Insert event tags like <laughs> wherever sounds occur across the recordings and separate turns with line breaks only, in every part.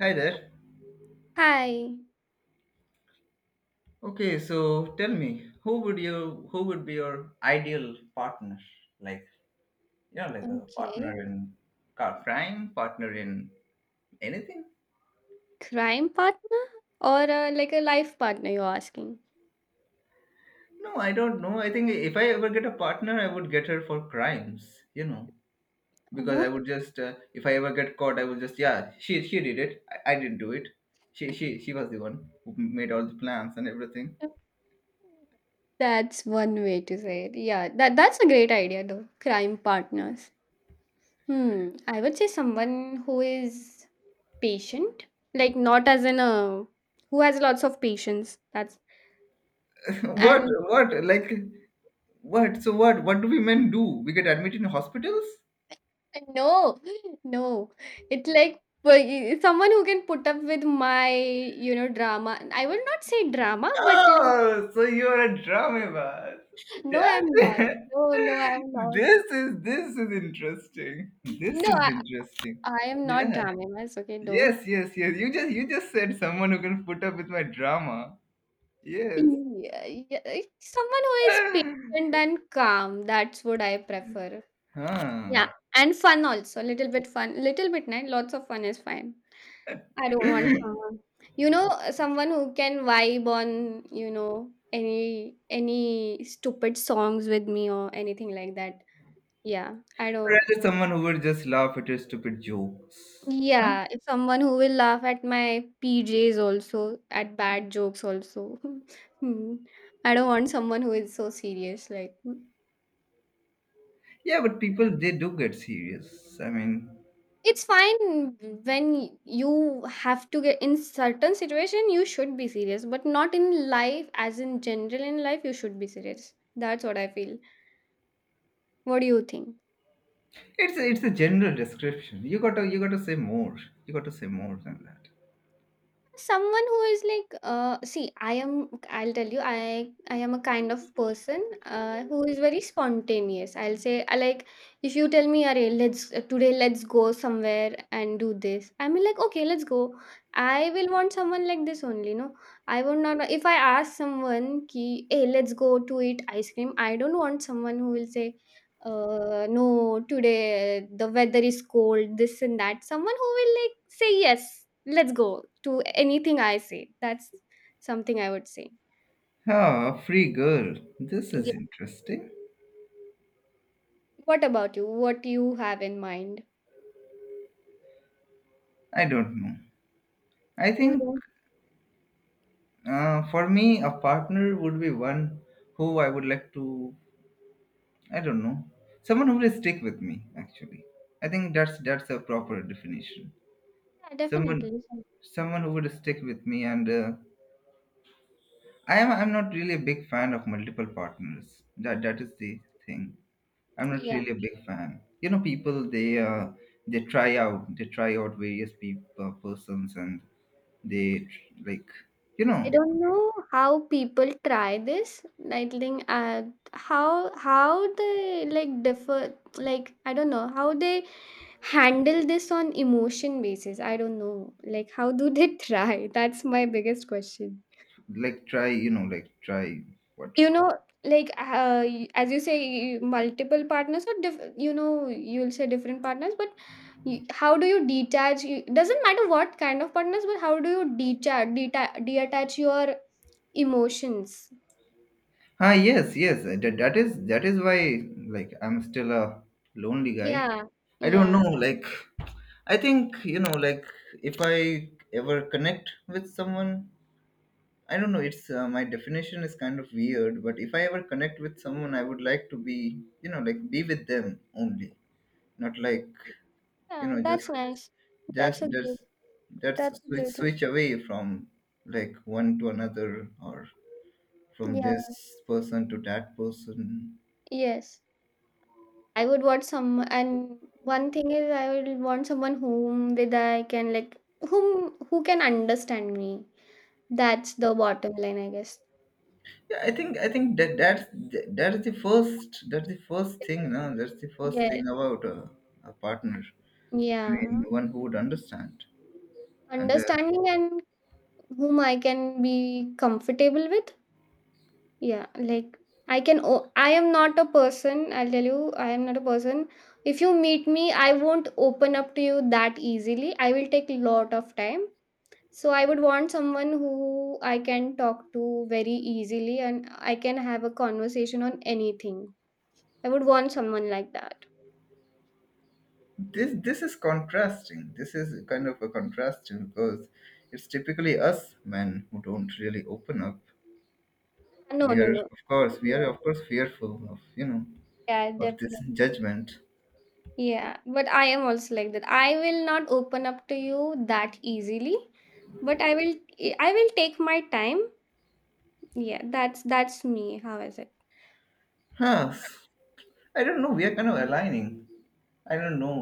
Hi there.
Hi.
Okay, so tell me, who would be your ideal partner? Like, like a partner
Okay.
in car crime, partner in anything?
Crime partner or like a life partner, you're asking?
No, I don't know. I think if I ever get a partner, I would get her for crimes, you know, because I
What?
would just if I ever get caught, I would just yeah, she did it. I didn't do it. She was the one who made all the plans and everything.
if- That's one way to say it. Yeah, that's a great idea though. Crime partners. Hmm. I would say someone who is patient, like not as in a who has lots of patience. That's
<laughs>
and
What like what so what do we men do? We get admitted in hospitals?
<laughs> no, no. It's like but someone who can put up with my, you know, drama. I would not say drama, but like
Oh, so you're a drama bus.
No, I'm not.
<laughs>
No, no, I'm not.
This is interesting. This
No,
is interesting.
I am not
Yeah.
dramatized. Okay, don't.
Yes, yes, yes. You just said someone who can put up with my drama. Yes.
Yeah, yeah, like someone who is patient and calm. That's what I prefer. Yeah,
Huh.
and fun also. A little bit fun. Little bit, night. Lots of fun is fine. I don't want someone, you know, someone who can vibe on, you know, any stupid songs with me or anything like that. Yeah, I don't.
Rather someone who would just laugh at your stupid jokes. Huh?
Yeah, if someone who will laugh at my PJs also, at bad jokes also. <laughs> Hmm. I don't want someone who is so serious. Like,
Yeah, but people they do get serious. I mean,
It's fine when you have to get in certain situation, you should be serious, but not in life, as in general in life, you should be serious. That's what I feel. What do you think?
it's a general description. You got to say more. You got to say more than that.
Someone who is like see I'll tell you I am a kind of person who is very spontaneous, I'll say. I like if you tell me Arey, let's today let's go somewhere and do this, I mean, like okay let's go. I will want someone like this only, no? I would not, if I ask someone ki hey let's go to eat ice cream, I don't want someone who will say no today the weather is cold, this and that. Someone who will like say yes, let's go to anything I say, that's something I would say.
Ah, free girl. This is
Yeah,
interesting.
what about you, what you have in mind?
I don't know. I
You
think
don't?
for me, a partner would be one who I would like to. I don't know. Someone who will stick with me. Actually, I think that's a proper definition.
Yeah,
Someone,
definitely.
someone who would stick with me, and I am. I'm not really a big fan of multiple partners. That is the thing. I'm not
Yeah,
really a big fan. People they they try out various people persons and like you know
I don't know how people try this. I think how they like differ, like I don't know how they handle this on emotion basis. I don't know like how do they try. <laughs> That's my biggest question.
like try like try what
You know like as you say you, multiple partners or you know, you'll say different partners, but y how do you detach you, doesn't matter what kind of partners, but how do you detach detach your emotions.
ah yes yes that is why like I'm still a lonely guy.
Yeah.
I don't
Yeah.
know, like I think like if I ever connect with someone I don't know. It's my definition is kind of weird, but if I ever connect with someone, I would like to be, like be with them only, not like you
Yeah,
know
that's
just
nice. That's
just
a
just
good.
that's
That's a
switch
great.
switch away from like one to another or from
Yeah.
this person to that person.
Yes. I would want some, and one thing is I would want someone whom with I can like whom who can understand me. That's the bottom line, I guess.
Yeah, I think that's the first thing. No, that's the first
Yeah,
thing about a partner. I mean,
yeah,
one who would understand and.
understanding and whom I can be comfortable with. Yeah, like I am not a person. I'll tell you, I am not a person. If you meet me, I won't open up to you that easily. I will take lot of time. So I would want someone who I can talk to very easily, and I can have a conversation on anything. I would want someone like that.
This is contrasting, this is kind of a contrasting, because it's typically us men who don't really open up,
No,
we
no,
are
no.
of course we are
Yeah,
of course fearful of
yeah,
of this
definitely.
judgment.
Yeah, but I am also like that. I will not open up to you that easily, but I will take my time. Yeah, that's me. How is it?
Huh. I don't know, we are kind of aligning. I don't know,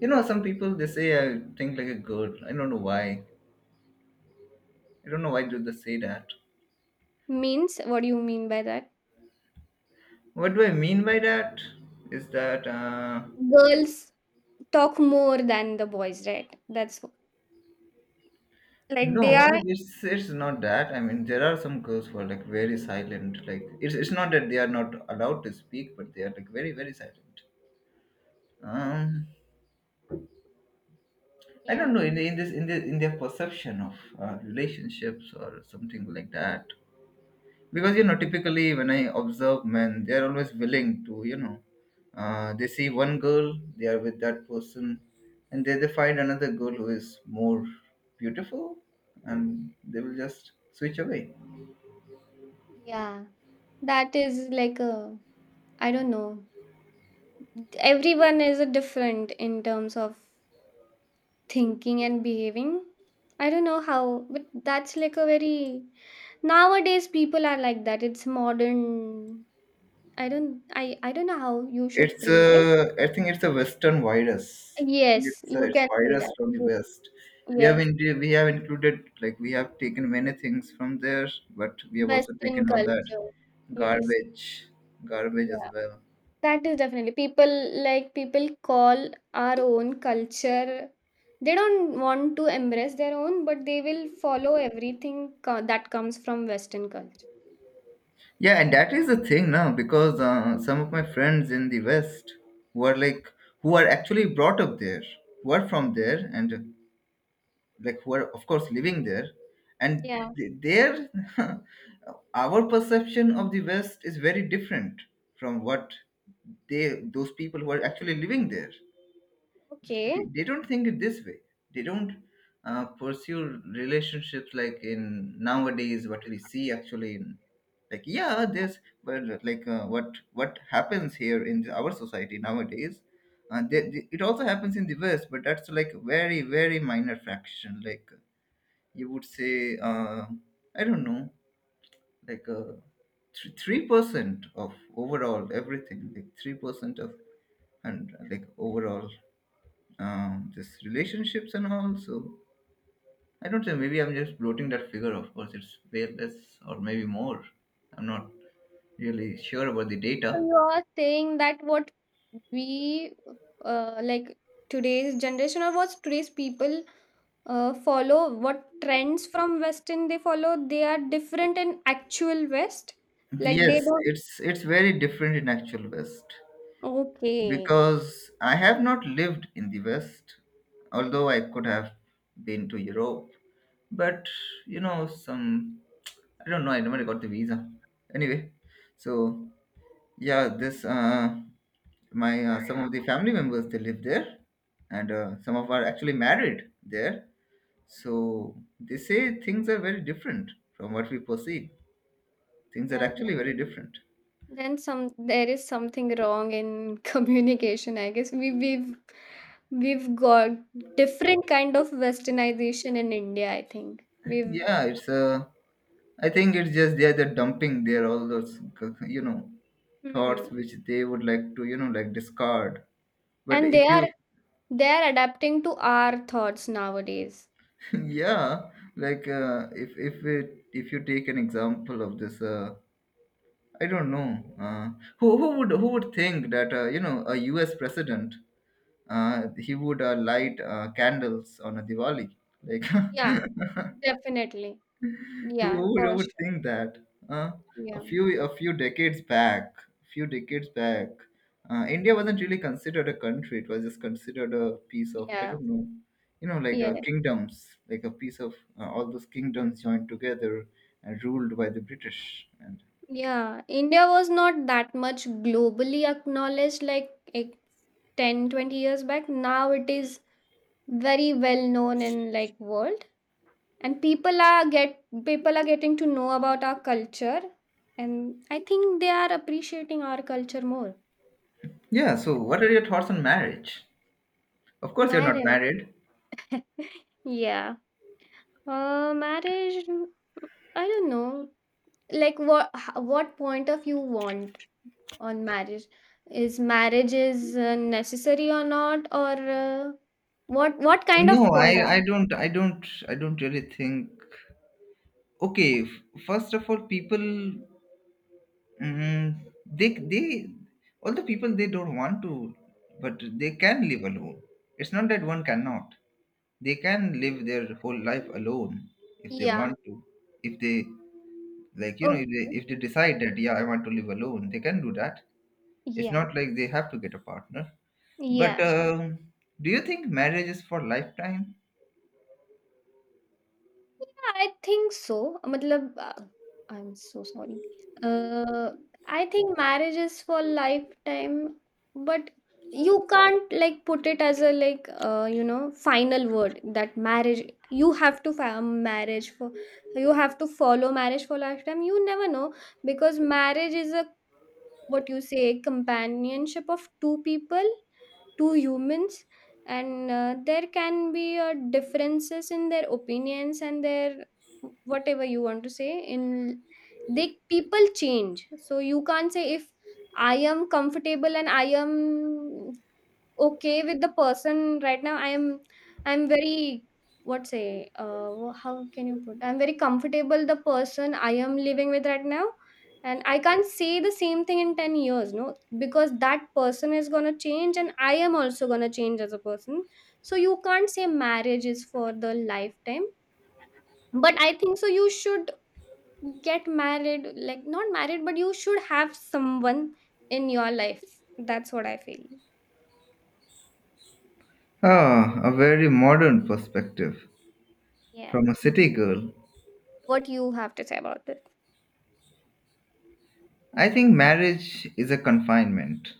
some people they say I think like a girl. I don't know why, I don't know why do they say that.
Means, what do you mean by that?
What do I mean by that is that
Girls talk more than the boys, right? Like they
No,
are
it's not that. I mean, there are some girls who are like very silent. Like it's not that they are not allowed to speak, but they are like very, very silent. Um, I don't know
yeah.
in the, in their perception of relationships or something like that. Because typically when I observe men, they are always willing to they see one girl, they are with that person, and then they find another girl who is more beautiful, and they will just switch away.
Yeah. That is like a, I don't know. Everyone is a different in terms of thinking and behaving. I don't know how, but that's like a very nowadays people are like that. It's modern. I don't I don't know how you should phrase it.
I think it's a Western virus. I think
Yes,
it's a,
you
it's a
can say
virus
that.
from the West.
Yes,
We have included, like, we have taken many things from there, but we have also
Western
taken all that
culture. Yes.
garbage, garbage as
Yeah.
well.
That is definitely people like people call our own culture. They don't want to embrace their own, but they will follow everything that comes from Western culture.
Yeah, and that is the thing now because some of my friends in the West who are like who are actually brought up there, who are from there, and like who are of course living there and
Yeah.
there <laughs> our perception of the West is very different from what they those people who are actually living there,
Okay.
they don't think it this way. They don't pursue relationships like in nowadays what we see actually in, like, yeah, there's, but like what happens here in our society nowadays, it also happens in the West, but that's like very, very minor fraction. Like you would say I don't know, like 3% of overall everything, like 3% of and like overall this relationships and all. So I don't know, maybe I'm just bloating that figure. Of course it's way less, or maybe more. I'm not really sure about the
So
data.
you are saying that what we like today's generation or what today's people follow, what trends from Western they follow, they are different in actual West. Like they
Yes,
don't.
it's very different in actual West,
Okay.
because I have not lived in the West, although I could have been to Europe. But some, I don't know. I never got the visa. Anyway, so yeah, this my some of the family members they live there, and some of are actually married there. So they say things are very different from what we perceive. Things are
Yeah.
actually very different.
Then some, there is something wrong in <laughs> communication, I guess. We've got different kind of westernization in India, I think. We've
Yeah, it's I think it's just they're dumping their all those you know thoughts
hmm.
which they would like to like discard. But
And
if you
they are adapting to our thoughts nowadays.
<laughs> yeah, like if you take an example of this, I don't know, who would think that a U.S. president, he would light candles on a Diwali, like
Yeah,
<laughs>
definitely.
Who
Yeah,
who would,
for
who would
sure.
think that? Uh, a
Yeah.
few a few decades back, a few decades back, India wasn't really considered a country. It was just considered a piece of, I
Yeah.
don't know, like a
Yeah.
kingdoms, like a piece of all those kingdoms joined together and ruled by the British. And
Yeah. India was not that much globally acknowledged like 10-20 years back. Now it is very well known in like world, and people are getting to know about our culture, and I think they are appreciating our culture more.
yeah, so what are your thoughts on marriage? Of course, you're not
Marriage.
married.
<laughs> Yeah, marriage, I don't know, like what point of you want on marriage? Is marriage is necessary or not, or uh, what kind of
No, I
point
I
of
don't I don't I don't really think. Okay, first of all, people, Mm, they all the people, they don't want to, but they can live alone. It's not that one cannot. They can live their whole life alone if they
yeah.
want to. If they, like, if they
Okay.
if they decide
Okay.
that yeah, I want to live alone, they can do that. It's
Yeah.
not like they have to get a partner. But
Yeah.
do you think marriage is for lifetime?
Yeah, I think so. मतलब I'm so sorry. Uh, I think marriage is for lifetime, but you can't like put it as a like you know, final word that marriage you have to marriage for you have to follow marriage for lifetime. You never know, because marriage is a what you say companionship of two people, two humans, and there can be differences in their opinions and their whatever you want to say in. They people change, so you can't say if I am comfortable and I am okay with the person right now, I'm very what say how can you put, I'm very comfortable the person I am living with right now, and I can't say the same thing in 10 years, no? Because that person is going to change, and I am also going to change as a person. So you can't say marriage is for the lifetime, but I think so you should get married, like not married but you should have someone in your life. That's what I feel.
Ah, a very modern perspective
Yeah.
from a city girl.
What you have to say about this?
I think marriage is a confinement.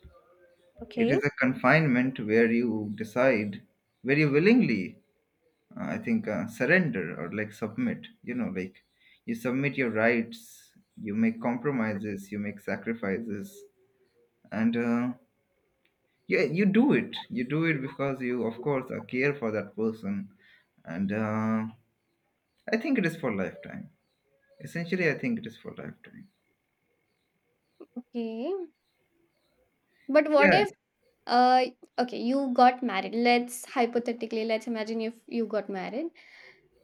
It
Okay.
is a confinement where you decide, where you willingly, I think, surrender or, like, submit. Like you submit your rights, you make compromises, you make sacrifices, and yeah, you do it. You do it because you, of course, care for that person, and I think it is for lifetime. Essentially, I think it is for lifetime.
Okay. But what
Yeah,
if uh okay, you got married. Let's hypothetically let's imagine if you got married,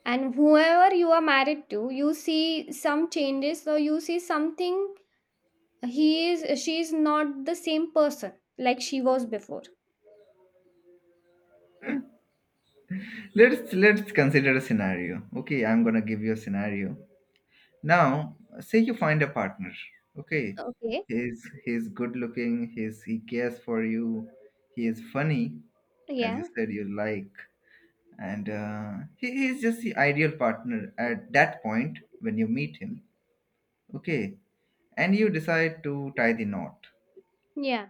and whoever you are married to, you see some changes or you see something, he is she is not the same person like she was before.
let's consider a scenario. Okay, I'm gonna give you a scenario. Now, say you find a partner, okay?
Okay.
He's good looking, he cares for you, he is funny, as you
Yeah.
said you like, and he is just the ideal partner at that point when you meet him, okay? And you decide to tie the knot.
Yeah.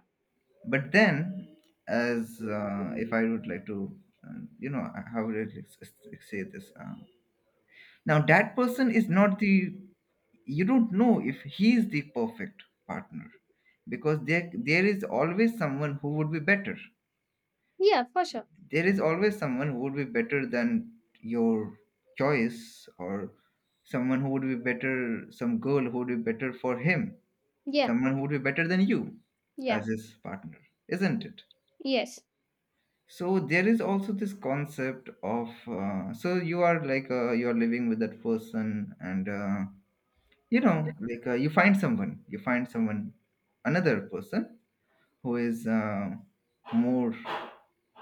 But then, as if I would like to, uh, you know, how would I say this? Now, that person is not the, you don't know if he is the perfect partner, because there is always someone who would be better.
Yeah, for sure.
There is always someone who would be better than your choice, or someone who would be better, some girl who would be better for him,
Yeah.
someone who would be better than you
Yeah.
as his partner, isn't it?
Yes.
So there is also this concept of, so you are, like, you are living with that person, and like you find someone, another person who is more,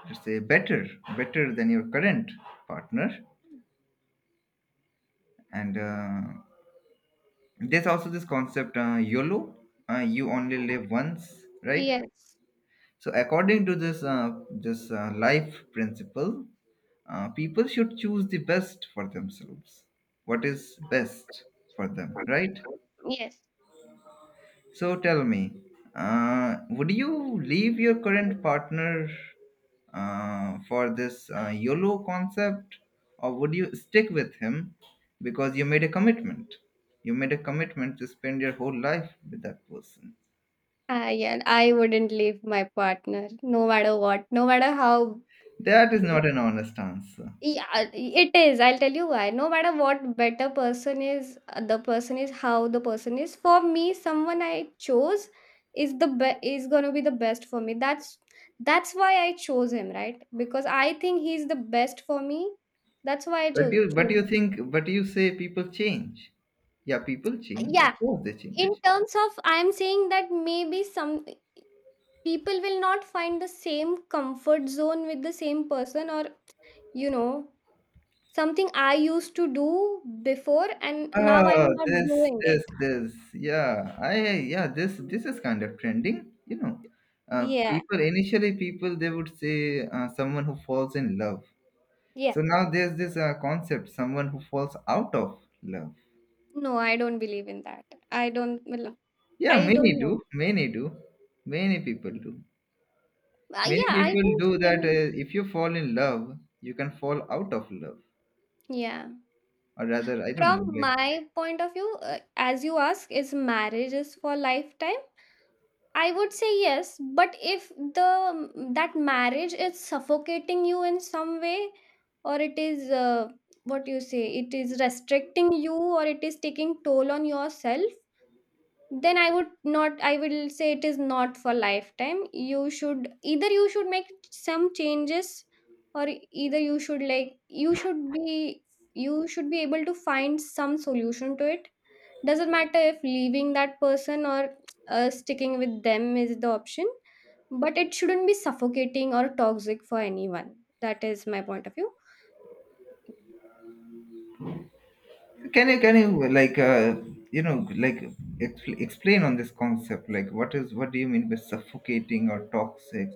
let's say, better than your current partner. And there's also this concept, YOLO, you only live once, right?
Yes.
So according to this, life principle, people should choose the best for themselves, what is best for them, right?
Yes.
So tell me, would you leave your current partner, for this, YOLO concept, or would you stick with him because you made a commitment? You made a commitment to spend your whole life with that person.
Yeah, I wouldn't leave my partner no matter what, no matter how.
That is not an honest answer.
Yeah, it is. I'll tell you why. No matter what better person is, the person is how the person is. For me, someone I chose is gonna be the best for me. That's why I chose him, right? Because I think he's the best for me. That's why I
But you, but
chose
you
him.
think, but you say people change. Yeah, people change. Of
Yeah,
course, they
in
change.
terms of, I'm saying that maybe some people will not find the same comfort zone with the same person, or you know, something I used to do before and now
Ah,
I'm not
this,
doing
this,
it.
this. Yeah, yeah, this is kind of trending.
Yeah,
People they would say someone who falls in love.
yeah.
So now there's this, concept, someone who falls out of love.
No, I don't believe in that. I don't, well,
Yeah,
I
many
don't
do,
know.
many do, many people do. Many
Yeah, I
people
think
do that.
maybe,
If you fall in love, you can fall out of love,
yeah.
or rather, I don't know,
From
like,
my point of view, as you ask, is marriage is for lifetime? I would say yes, but if the that marriage is suffocating you in some way, or it is what you say, it is restricting you, or it is taking toll on yourself, then I would not, I will say it is not for lifetime. You should either, you should make some changes, or either you should like you should be, you should be able to find some solution to it. Doesn't matter if leaving that person or sticking with them is the option, but it shouldn't be suffocating or toxic for anyone. That is my point of view.
can you you know like explain on this concept? Like what is what do you mean by suffocating or toxic?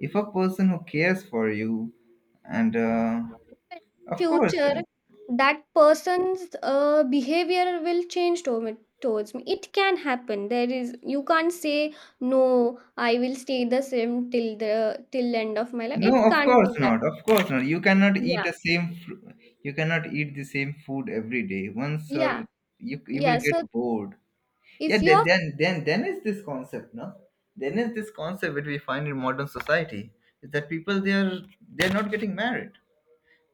If a person who cares for you, and of course,
Future,
uh,
that person's behavior will change me, towards me, it can happen. There is, you can't say no, I will stay the same till the till end of my life.
no,
It
of
can't
course
be that.
not, of course not. You cannot eat
Yeah.
the same. You cannot eat the same food every day. Once or
Yeah.
you will
Yeah,
get
so
bored. Yeah,
if
then
your
then then then is this concept, no? Then is this concept which we find in modern society is that people they are they're not getting married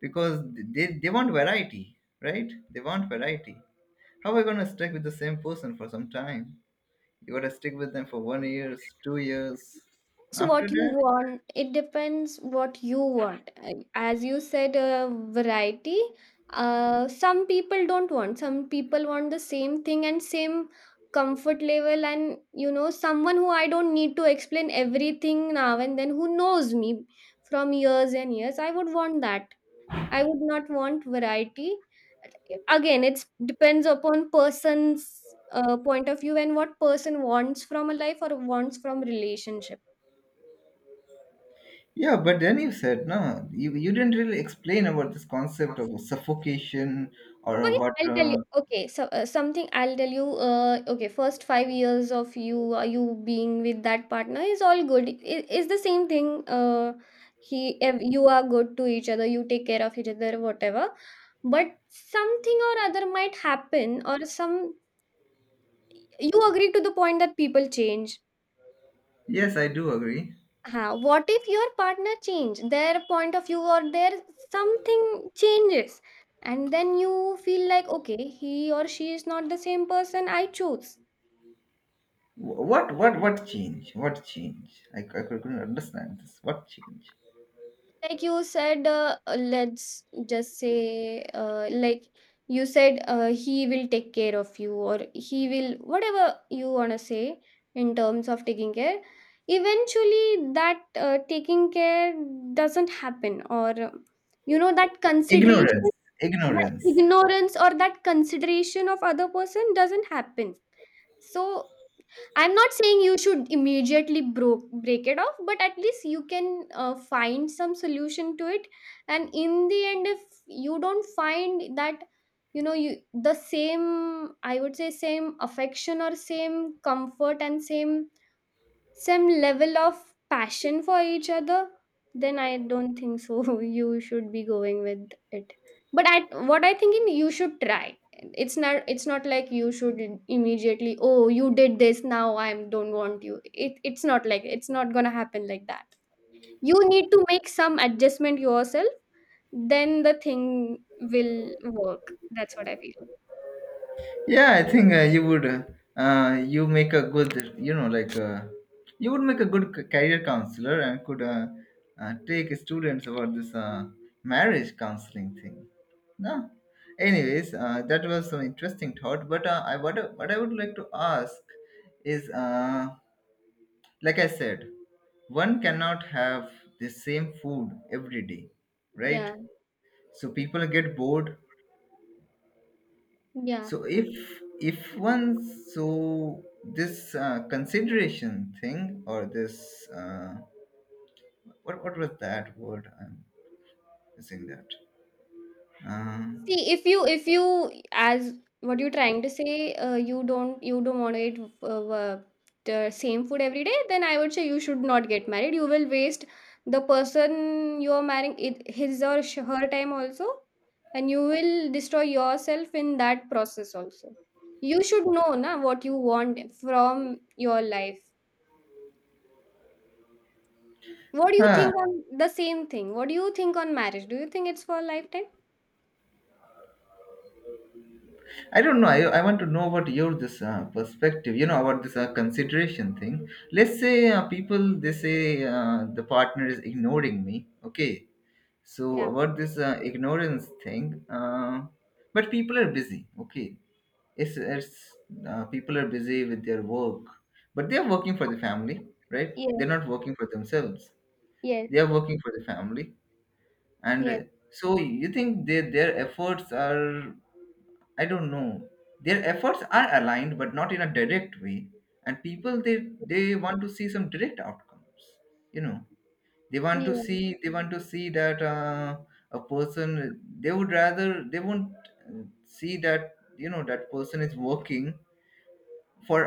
because they want variety, right? They want variety. How are we gonna stick with the same person for some time? You gotta stick with them for 1 year, 2 years.
it's
After
what you
that,
want. It depends what you want. And as you said, variety. Some people don't want. Some people want the same thing and same comfort level. And you know, someone who I don't need to explain everything now and then, who knows me from years and years. I would want that. I would not want variety. Again, it depends upon person's point of view and what person wants from a life or wants from relationship.
yeah. But then you said no. You didn't really explain about this concept of suffocation or
Okay,
what.
I'll tell you. Okay, so something I'll tell you. Okay, first 5 years of you you being with that partner is all good. It is the same thing. You are good to each other. You take care of each other, whatever. But something or other might happen, or some you agree to the point that people change.
Yes, I do agree.
What if your partner change their point of view or their something changes, and then you feel like, okay, he or she is not the same person I choose.
What what change? What change? I couldn't understand this. What change?
Like you said, let's just say, like you said, he will take care of you, or he will whatever you want to say in terms of taking care. Eventually that taking care doesn't happen, or you know, that
Ignorance.
consideration, that
Ignorance.
ignorance or that consideration of other person doesn't happen. So I'm not saying you should immediately broke break it off, but at least you can find some solution to it. And in the end, if you don't find that, you the same I would say same affection or same comfort and same, some level of passion for each other, then I don't think so. <laughs> You should be going with it. But at what I think in you should try. It's not like you should immediately. Oh, you did this. Now I don't want you. It's not gonna happen like that. You need to make some adjustment yourself. Then the thing will work. That's what I feel.
Yeah, I think you would. You make a good, you know, like you would make a good career counselor and could take students about this marriage counseling thing. No. Anyways, that was some interesting thought. But I what I would like to ask is, like I said, one cannot have the same food every day, right?
Yeah.
So people get bored.
Yeah.
So if one so this consideration thing or this what was that word I'm missing that. Uh,
See, if you as what you're trying to say, you don't want to eat the same food every day, then I would say you should not get married. You will waste the person you are marrying it, his or her time also, and you will destroy yourself in that process also. You should know na what you want from your life. What do you
huh.
think on the same thing? What do you think on marriage? Do you think it's for a lifetime?
I don't know. I want to know about your this perspective. You know about this consideration thing. Let's say people they say the partner is ignoring me. Okay, so
Yeah.
about this ignorance thing. But people are busy. Okay, it's people are busy with their work, but they're working for the family, right?
Yes.
They're not working for themselves.
Yes.
They are working for the family. And
Yes.
So you think their efforts are, I don't know, their efforts are aligned but not in a direct way. And people they want to see some direct outcomes, you know. They want
Yeah.
to see, they want to see that a person, they would rather they won't see that, you know, that person is working for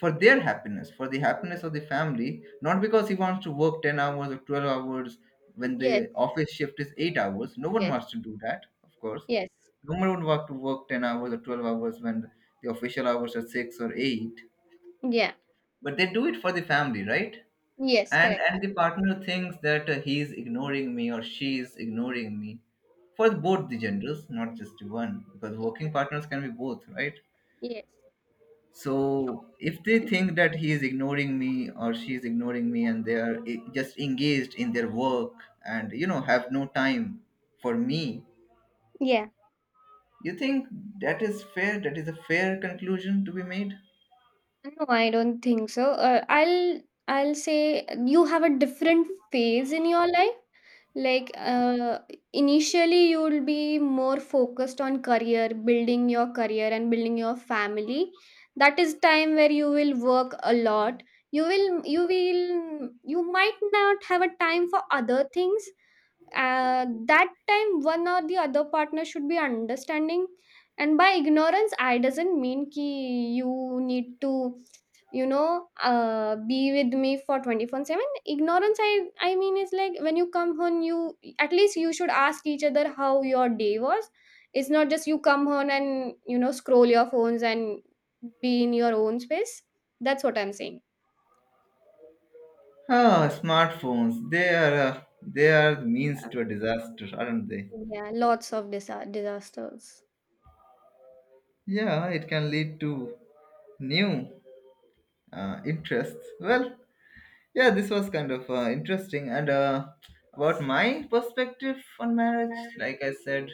for their happiness, for the happiness of the family, not because he wants to work 10 hours or 12 hours when
Yes.
the office shift is 8 hours. No one
Yes,
wants to do that, of course.
yes,
No one would want to work 10 hours or 12 hours when the official hours are 6 or 8,
yeah,
but they do it for the family, right?
yes,
and
correct.
and the partner thinks that he's ignoring me or she's ignoring me, for both the genders, not just one, because
Yeah,
working partners can be both, right?
yes,
So if they think that he is ignoring me or she is ignoring me and they are just engaged in their work and, you know, have no time for me,
yeah.
you think that is fair? That is a fair conclusion to be made?
No, I don't think so. I'll say you have a different phase in your life. Like initially, you'll be more focused on career, building your career and building your family. That is time where you will work a lot. You might not have a time for other things, that time one or the other partner should be understanding. And by ignorance I doesn't mean ki you need to be with me for 24/7. Ignorance I mean is like, when you come home, you at least you should ask each other how your day was. It's not just you come home and scroll your phones and be in your own space. That's what I'm saying.
Ah, smartphones. They are the means
Um,
to a disaster, aren't they?
yeah, lots of disasters.
Yeah, it can lead to new interests. Well, yeah, this was kind of interesting. And about my perspective on marriage, like I said,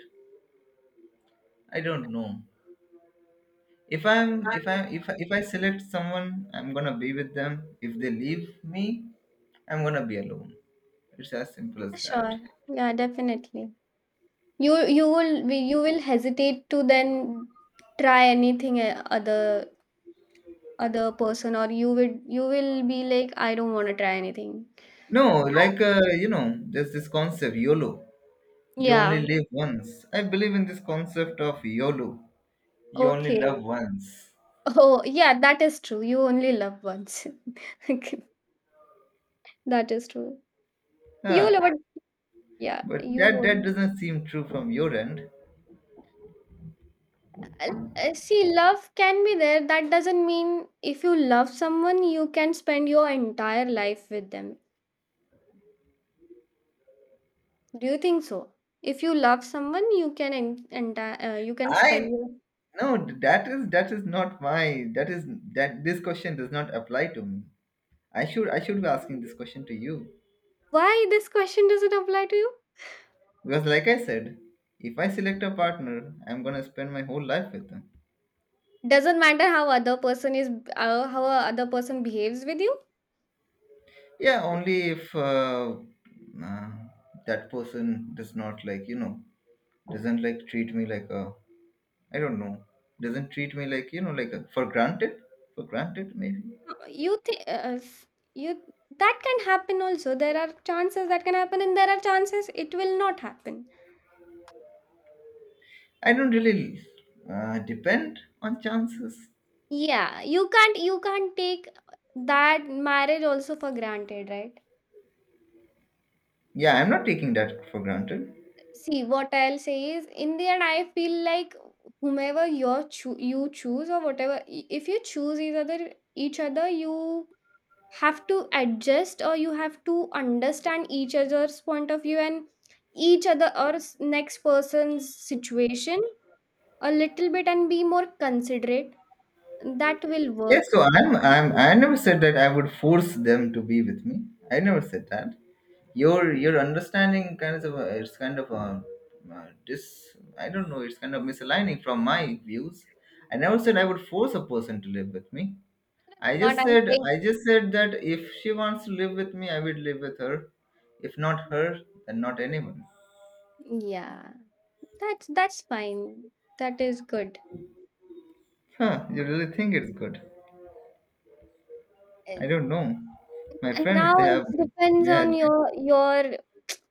I don't know. If I select someone, I'm gonna be with them. If they leave me, I'm gonna be alone. It's as simple as that.
Sure. Yeah, definitely. You will hesitate to then try anything other person, or you will be like, I don't want to try anything.
No, like you know, there's this concept YOLO. You only
Yeah.
live once. I believe in this concept of YOLO. You only love
Okay.
once.
Oh yeah, that is true, you only love once. <laughs> Okay, that is true. You
Huh.
love it. Yeah.
But
you
that that
only
doesn't seem true from your end.
Uh, See, love can be there, that doesn't mean if you love someone you can spend your entire life with them. Do you think so? If you love someone, you can you can spend
I
your
no, That is that is not my that is that this question does not apply to me. I should be asking this question to you.
Why this question doesn't apply to you?
Because, like I said, if I select a partner, I'm gonna spend my whole life with them.
Doesn't matter how other person is, how a other person behaves with you.
Yeah, only if uh, that person does not like, you know, doesn't like treat me like a, I don't know, doesn't treat me like, you know, like a, for granted maybe.
You think, s- you that can happen also. There are chances that can happen, and there are chances it will not happen.
I don't really depend on chances.
Yeah, you can't take that marriage also for granted, right?
Yeah, I'm not taking that for granted.
See, what I'll say is, in the end, I feel like whomever you choose or whatever, if you choose each other, you have to adjust or you have to understand each other's point of view and each other or next person's situation a little bit and be more considerate. That will
Yes, so
work.
I never said that I would force them to be with me. I never said that. Your understanding kind of, a, it's kind of a, I don't know, it's kind of misaligning from my views. I never said I would force a person to live with me.
Not I'm saying,
I just said that if she wants to live with me, I would live with her. If not her, then not anyone.
yeah, that's fine. That is good.
Huh, you really think it's good? I
Eh,
don't know. My
And now
friends, they
it
have,
depends
yeah.
on your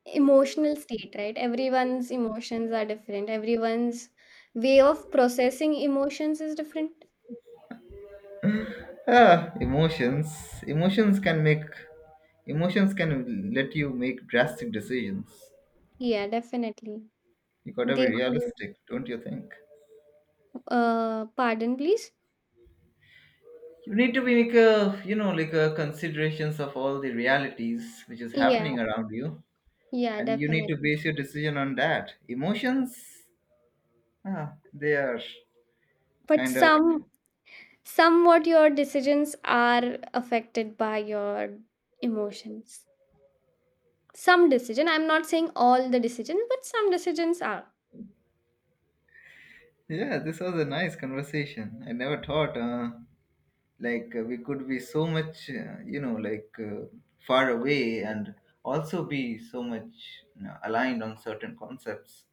emotional state, right? Everyone's emotions are different. Everyone's way of processing emotions is different.
Emotions. Emotions can make. Emotions can let you make drastic decisions.
Yeah, definitely.
You gotta be
They
realistic, don't you think?
Pardon please.
You need to be like a, you know, like a considerations of all the realities which is
Yeah,
happening around you,
yeah,
and you need to
definitely.
base your decision on that. Emotions, ah, they are
But
kind of.
somewhat your decisions are affected by your emotions. Some decision. I'm not saying all the decisions, but some decisions are.
Yeah, this was a nice conversation. I never thought. Like we could be so much you know like far away and also be so much, you know, aligned on certain concepts.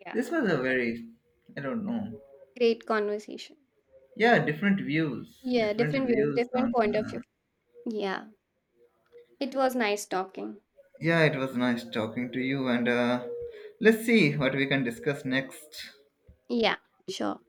Yeah.
This was a very, I don't know,
Great conversation.
yeah, different views,
Yeah,
different
different views,
views
different
on
point of view. Yeah. It was nice talking.
yeah, it was nice talking to you and let's see what we can discuss next.
Yeah, sure.